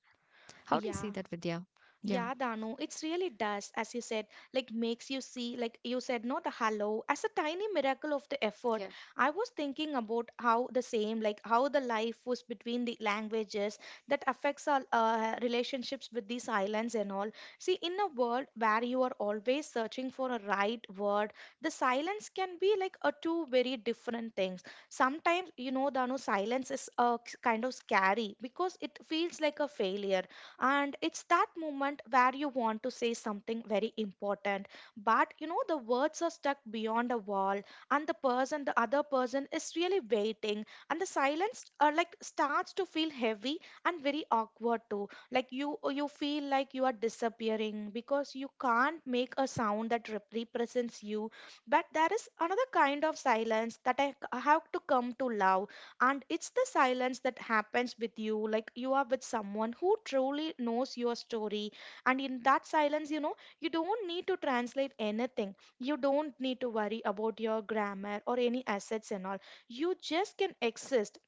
Speaker 1: How do you see
Speaker 2: Yeah.
Speaker 1: that, Vidya? Yeah.
Speaker 2: Yeah, Danu, it's really does, as you said, like makes you see, like you said, no, the hello as a tiny miracle of the effort.
Speaker 1: Yeah.
Speaker 2: I was thinking about how the same, like how the life was between the languages that affects our relationships with these islands and all. See, in a world where you are always searching for a right word, the silence can be like a two very different things. Sometimes, you know, Danu, silence is kind of scary because it feels like a failure, and it's that moment where you want to say something very important, but you know the words are stuck beyond a wall, and the other person is really waiting, and the silence like starts to feel heavy and very awkward too. Like, you feel like you are disappearing because you can't make a sound that represents you. But there is another kind of silence that have to come to love, and it's the silence that happens with you like you are with someone who truly knows your story. And in that silence, you know, you don't need to translate anything. You don't need to worry about your grammar or any assets and all. You just can exist.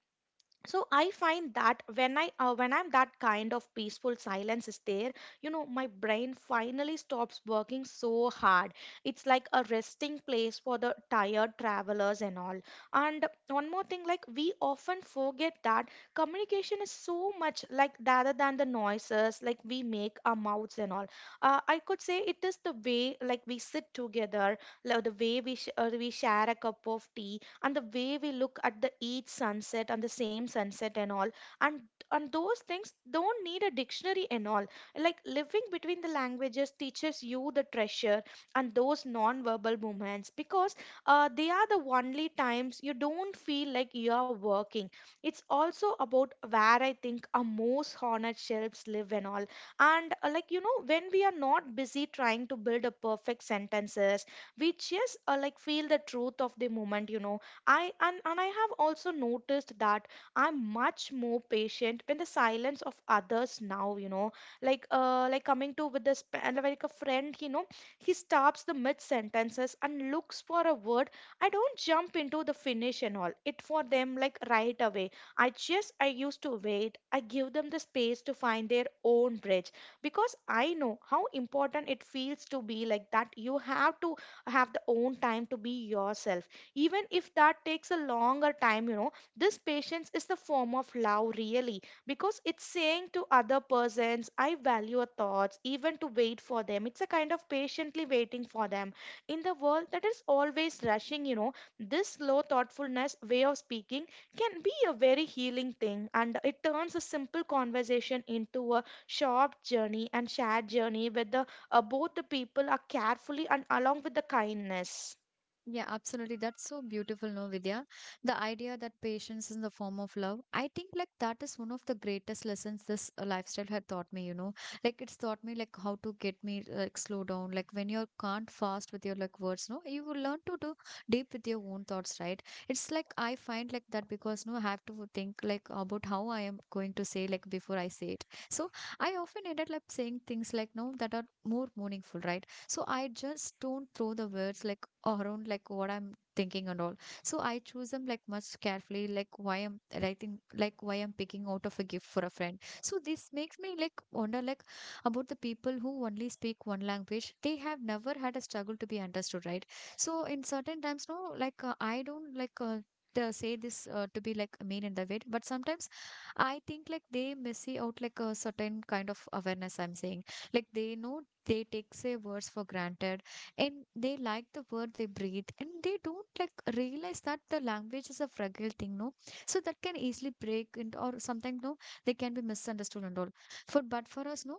Speaker 2: So I find that when I when I'm that kind of peaceful silence is there, you know, my brain finally stops working so hard. It's like a resting place for the tired travelers and all. And one more thing, like, we often forget that communication is so much like rather than the noises like we make our mouths and all. I could say it is the way like we sit together, like the way we share a cup of tea, and the way we look at the each sunset and the same sunset and all. and and those things don't need a dictionary and all. Like, living between the languages teaches you the treasure, and those non-verbal movements because they are the only times you don't feel like you are working. It's also about where I think our most honored shelves live and all. And like, you know, when we are not busy trying to build a perfect sentences, we just like feel the truth of the moment, you know. And I have also noticed that I'm much more patient when the silence of others now, you know, like like coming to with this like a friend, you know, he stops the mid sentences and looks for a word. I don't jump into the finish and all. It for them like right away. I just I used to wait. I give them the space to find their own bridge because I know how important it feels to be like that. You have to have the own time to be yourself even if that takes a longer time, you know, this patience is the form of love really, because it's saying to other persons, I value your thoughts even to wait for them. It's a kind of patiently waiting for them in the world that is always rushing, you know. This slow thoughtfulness way of speaking can be a very healing thing, and it turns a simple conversation into a short journey and shared journey where the both the people are carefully and along with the kindness.
Speaker 1: Yeah, absolutely. That's so beautiful, no, Vidya. The idea that patience is the form of love. I think like that is one of the greatest lessons this lifestyle had taught me, you know. Like it's taught me like how to get me like slow down. Like when you can't fast with your like words, no, you will learn to do deep with your own thoughts, right? It's like I find like that because no, I have to think like about how I am going to say like before I say it. So I often ended up like, saying things like no that are more meaningful, right? So I just don't throw the words like around like what I'm thinking and all. So I choose them like much carefully, like why I'm writing, like why I'm picking out of a gift for a friend. So this makes me like wonder like about the people who only speak one language. They have never had a struggle to be understood, right? So in certain times, no, like I don't like. Say this to be like mean in the way but sometimes I think like they miss out like a certain kind of awareness I'm saying, like they know they take say words for granted, and they like the word they breathe and they don't like realize that the language is a fragile thing no, so that can easily break and or sometimes no they can be misunderstood and all for but for us no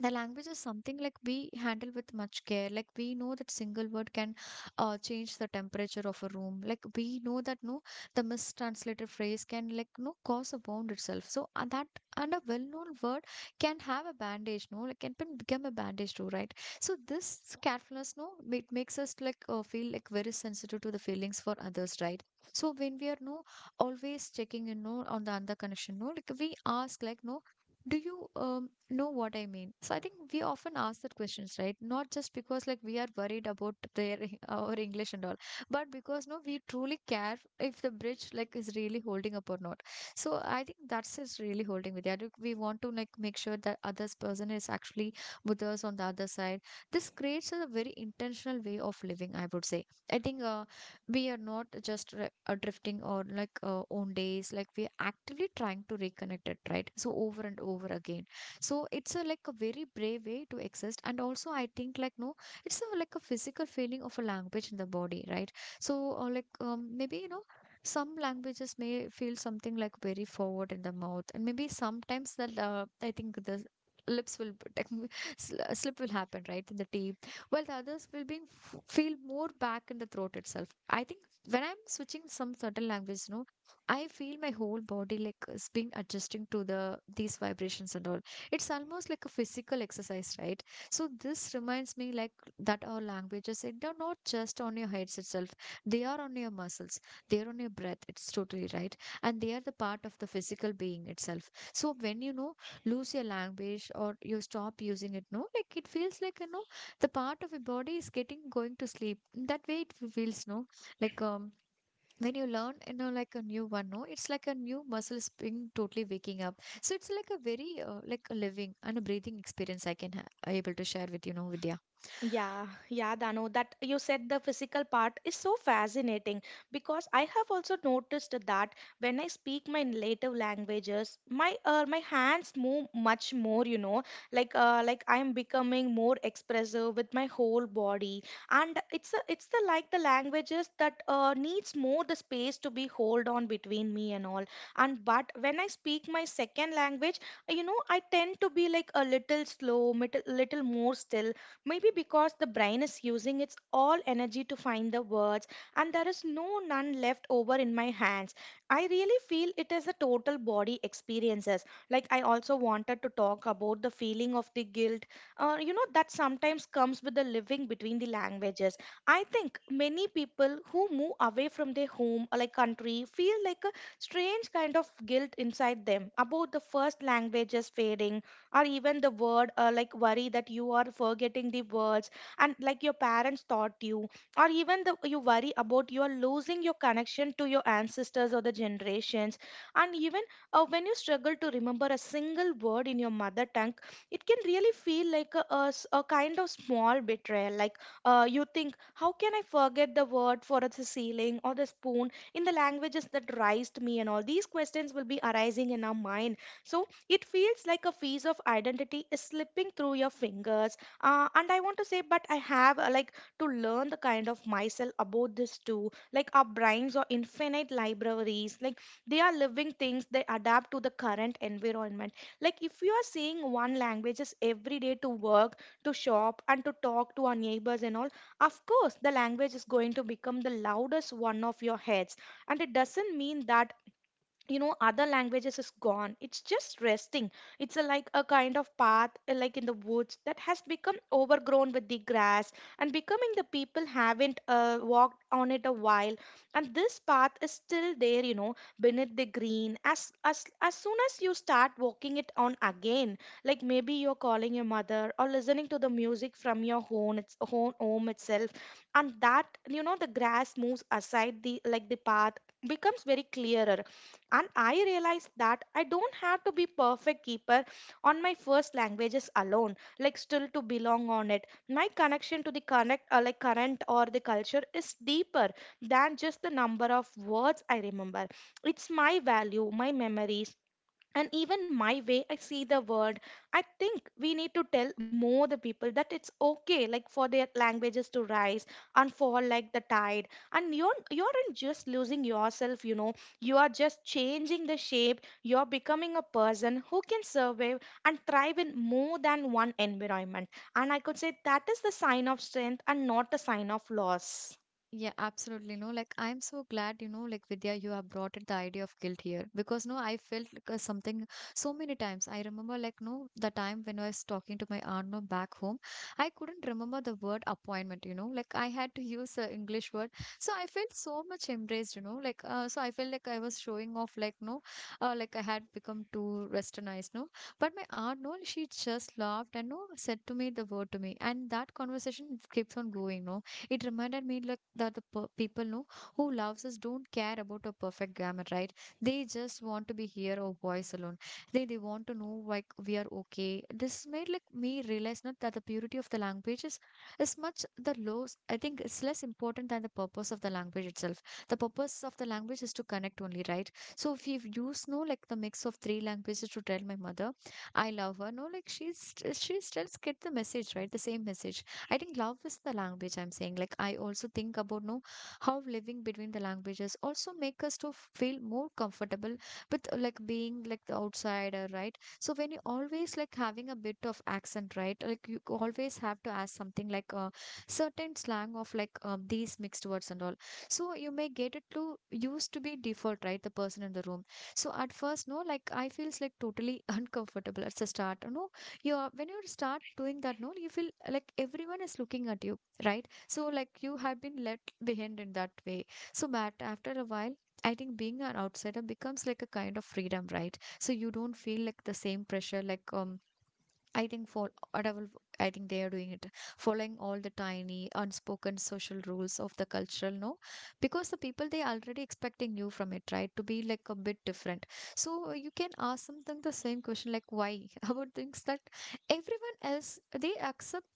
Speaker 1: the language is something like we handle with much care, like we know that single word can change the temperature of a room, like we know that no the mistranslated phrase can like no cause a wound itself so that and a well-known word can have a bandage no like become a bandage too right. So this carefulness no it makes us like feel like very sensitive to the feelings for others right. So when we are no always checking in no on the other connection no like we ask like no, do you um know what I mean. So I think we often ask that questions, right? Not just because like we are worried about their our English and all, but because no, we truly care if the bridge like is really holding up or not. So I think that's is really holding with that. We want to like make sure that others person is actually with us on the other side. This creates a very intentional way of living, I would say. I think we are not just drifting or like own days, like we are actively trying to reconnect it, right? So over and over again, so it's a, like, a very brave way to exist. And also I think, like, no, it's a, like, a physical feeling of a language in the body, right? So like, maybe you know, some languages may feel something like very forward in the mouth. And maybe sometimes that I think the lips will like, slip will happen right in the teeth, while the others will be feel more back in the throat itself. I think when I'm switching some certain language, you know, I feel my whole body like is being adjusting to these vibrations and all. It's almost like a physical exercise, right? So this reminds me like that our languages it are not just on your heads itself. They are on your muscles. They are on your breath. It's totally right. And they are the part of the physical being itself. So when, you know, lose your language or you stop using it, no, like, it feels like, you know, the part of your body is getting going to sleep that way, it feels, no. Like, when you learn, you know, like a new one, no, it's like a new muscle spring totally waking up. So it's like a very like a living and a breathing experience I can able to share with, you know, Vidya.
Speaker 2: Yeah, yeah, Dano, that you said the physical part is so fascinating because I have also noticed that when I speak my native languages, my hands move much more, you know, like I'm becoming more expressive with my whole body, and it's the like the languages that needs more the space to be hold on between me and all, and but when I speak my second language, you know, I tend to be like a little slow, little more still. Maybe because the brain is using its all energy to find the words, and there is no none left over in my hands. I really feel it is a total body experiences. Like I also wanted to talk about the feeling of the guilt, you know, that sometimes comes with the living between the languages. I think many people who move away from their home or like country feel like a strange kind of guilt inside them about the first languages fading, or even the word like worry that you are forgetting the words and like your parents taught you, or even the you worry about you are losing your connection to your ancestors or the generations, and even when you struggle to remember a single word in your mother tongue, it can really feel like a kind of small betrayal. Like you think, how can I forget the word for the ceiling or the spoon in the languages that raised me, and all these questions will be arising in our mind. So it feels like a piece of identity is slipping through your fingers. And I want to say, but I have like to learn the kind of myself about this too. Like our brains are infinite libraries. Like they are living things. They adapt to the current environment. Like if you are seeing one language is every day to work, to shop, and to talk to our neighbors and all, of course the language is going to become the loudest one of your heads. And it doesn't mean that, you know, other languages is gone. It's just resting. It's like a kind of path like in the woods that has become overgrown with the grass, and becoming the people haven't walked on it a while, and this path is still there, you know, beneath the green. As as soon as you start walking it on again, like maybe you're calling your mother or listening to the music from your home, its home itself, and that, you know, the grass moves aside the like the path becomes very clearer. And I realized that I don't have to be perfect keeper on my first languages alone, like still to belong on it. My connection to the connect like current or the culture is deeper than just the number of words I remember. It's my value, my memories, and even my way I see the world. I think we need to tell more the people that it's okay like for their languages to rise and fall like the tide, and you aren't just losing yourself, you know, you are just changing the shape. You're becoming a person who can survive and thrive in more than one environment, and I could say that is the sign of strength and not a sign of loss.
Speaker 1: Yeah, absolutely. No, like I'm so glad, you know, like Vidya, you have brought in the idea of guilt here because no, I felt like something so many times. I remember, like, no, the time when I was talking to my aunt, no, back home. I couldn't remember the word appointment, you know, like I had to use the English word. So I felt so much embraced, you know, like, so I felt like I was showing off, like, no, like I had become too westernized, no. But my aunt, no, she just laughed and no, said to me the word to me. And that conversation keeps on going, no. It reminded me like that the people know who loves us don't care about a perfect grammar, right? They just want to be here or voice alone. They want to know like we are okay. This made like me realize not that the purity of the language is much the lows. I think it's less important than the purpose of the language itself. The purpose of the language is to connect only, right? So if you use, no, like the mix of three languages to tell my mother I love her, no, like she still get the message, right? The same message, I think love is the language I'm saying. Like, I also think about, no, how living between the languages also make us to feel more comfortable with like being like the outsider, right? So when you always like having a bit of accent, right? Like you always have to ask something like a certain slang of like these mixed words and all. So you may get it to used to be default, right? The person in the room. So at first, no, like I feels like totally uncomfortable at the start. No, you are, when you start doing that, no, you feel like everyone is looking at you, right? So like you have been left behind in that way. So but after a while I think being an outsider becomes like a kind of freedom, right? So you don't feel like the same pressure like I think for whatever, I think they are doing it, following all the tiny unspoken social rules of the cultural, no, because the people they already expecting you from it, right? To be like a bit different. So you can ask them the same question like why about things that everyone else they accept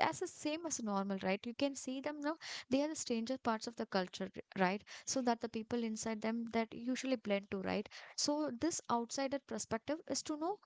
Speaker 1: as the same as normal, right? You can see them now. They are the stranger parts of the culture, right? So that the people inside them that usually blend to, right? So this outsider perspective is to know,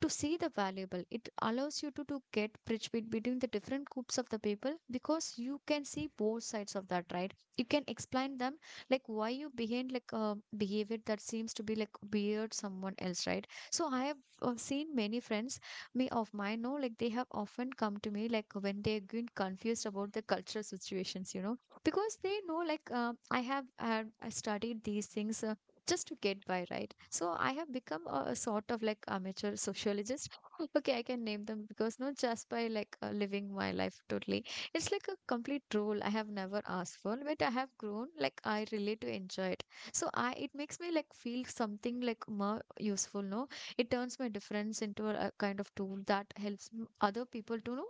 Speaker 1: to see the valuable, it allows you to get bridge between the different groups of the people because you can see both sides of that, right? You can explain them like why you behave like behavior that seems to be like weird someone else, right? So I have seen many friends me of mine, no, like they have often come to me like when they've been confused about the cultural situations, you know, because they know like I studied these things just to get by, right? So I have become a sort of like amateur sociologist okay I can name them because not just by like living my life totally. It's like a complete role I have never asked for, but I have grown like I really to enjoy it. So I, it makes me like feel something like more useful, no. It turns my difference into a kind of tool that helps other people to know,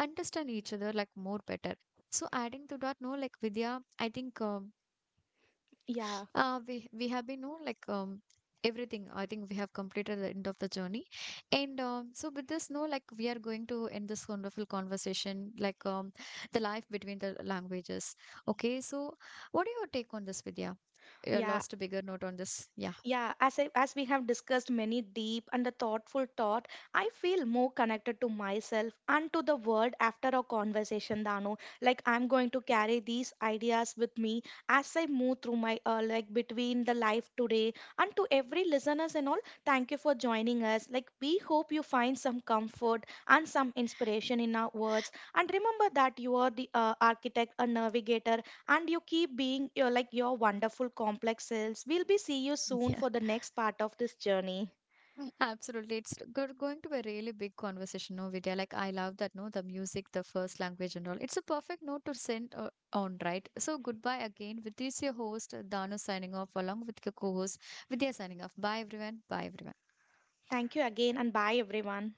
Speaker 1: understand each other like more better. So adding to that, no, like Vidya, I think um,
Speaker 2: yeah
Speaker 1: uh, we we have been, no, like everything. I think we have completed the end of the journey, and so with this, no, like we are going to end this wonderful conversation, like the life between the languages. Okay, so what do you take on this, Vidya? You
Speaker 2: yeah
Speaker 1: lost a bigger note on this. Yeah,
Speaker 2: Yeah, as as we have discussed many deep and a thoughtful thought, I feel more connected to myself and to the world after our conversation, Dano. Like I'm going to carry these ideas with me as I move through my like between the life today, and to every listeners and all. Thank you for joining us. Like we hope you find some comfort and some inspiration in our words. And remember that you are the architect, a navigator, and you keep being your like your wonderful complex selves. We'll be see you soon for the next part of this journey.
Speaker 1: absolutely. It's going to be a really big conversation, no, Vidya. Like, I love that, no, the music, the first language and all. It's a perfect note to send on, right? So, goodbye again. With this, your host, Dano, signing off, along with your co-host, Vidya, signing off. Bye, everyone. Bye, everyone.
Speaker 2: Thank you again, and bye everyone.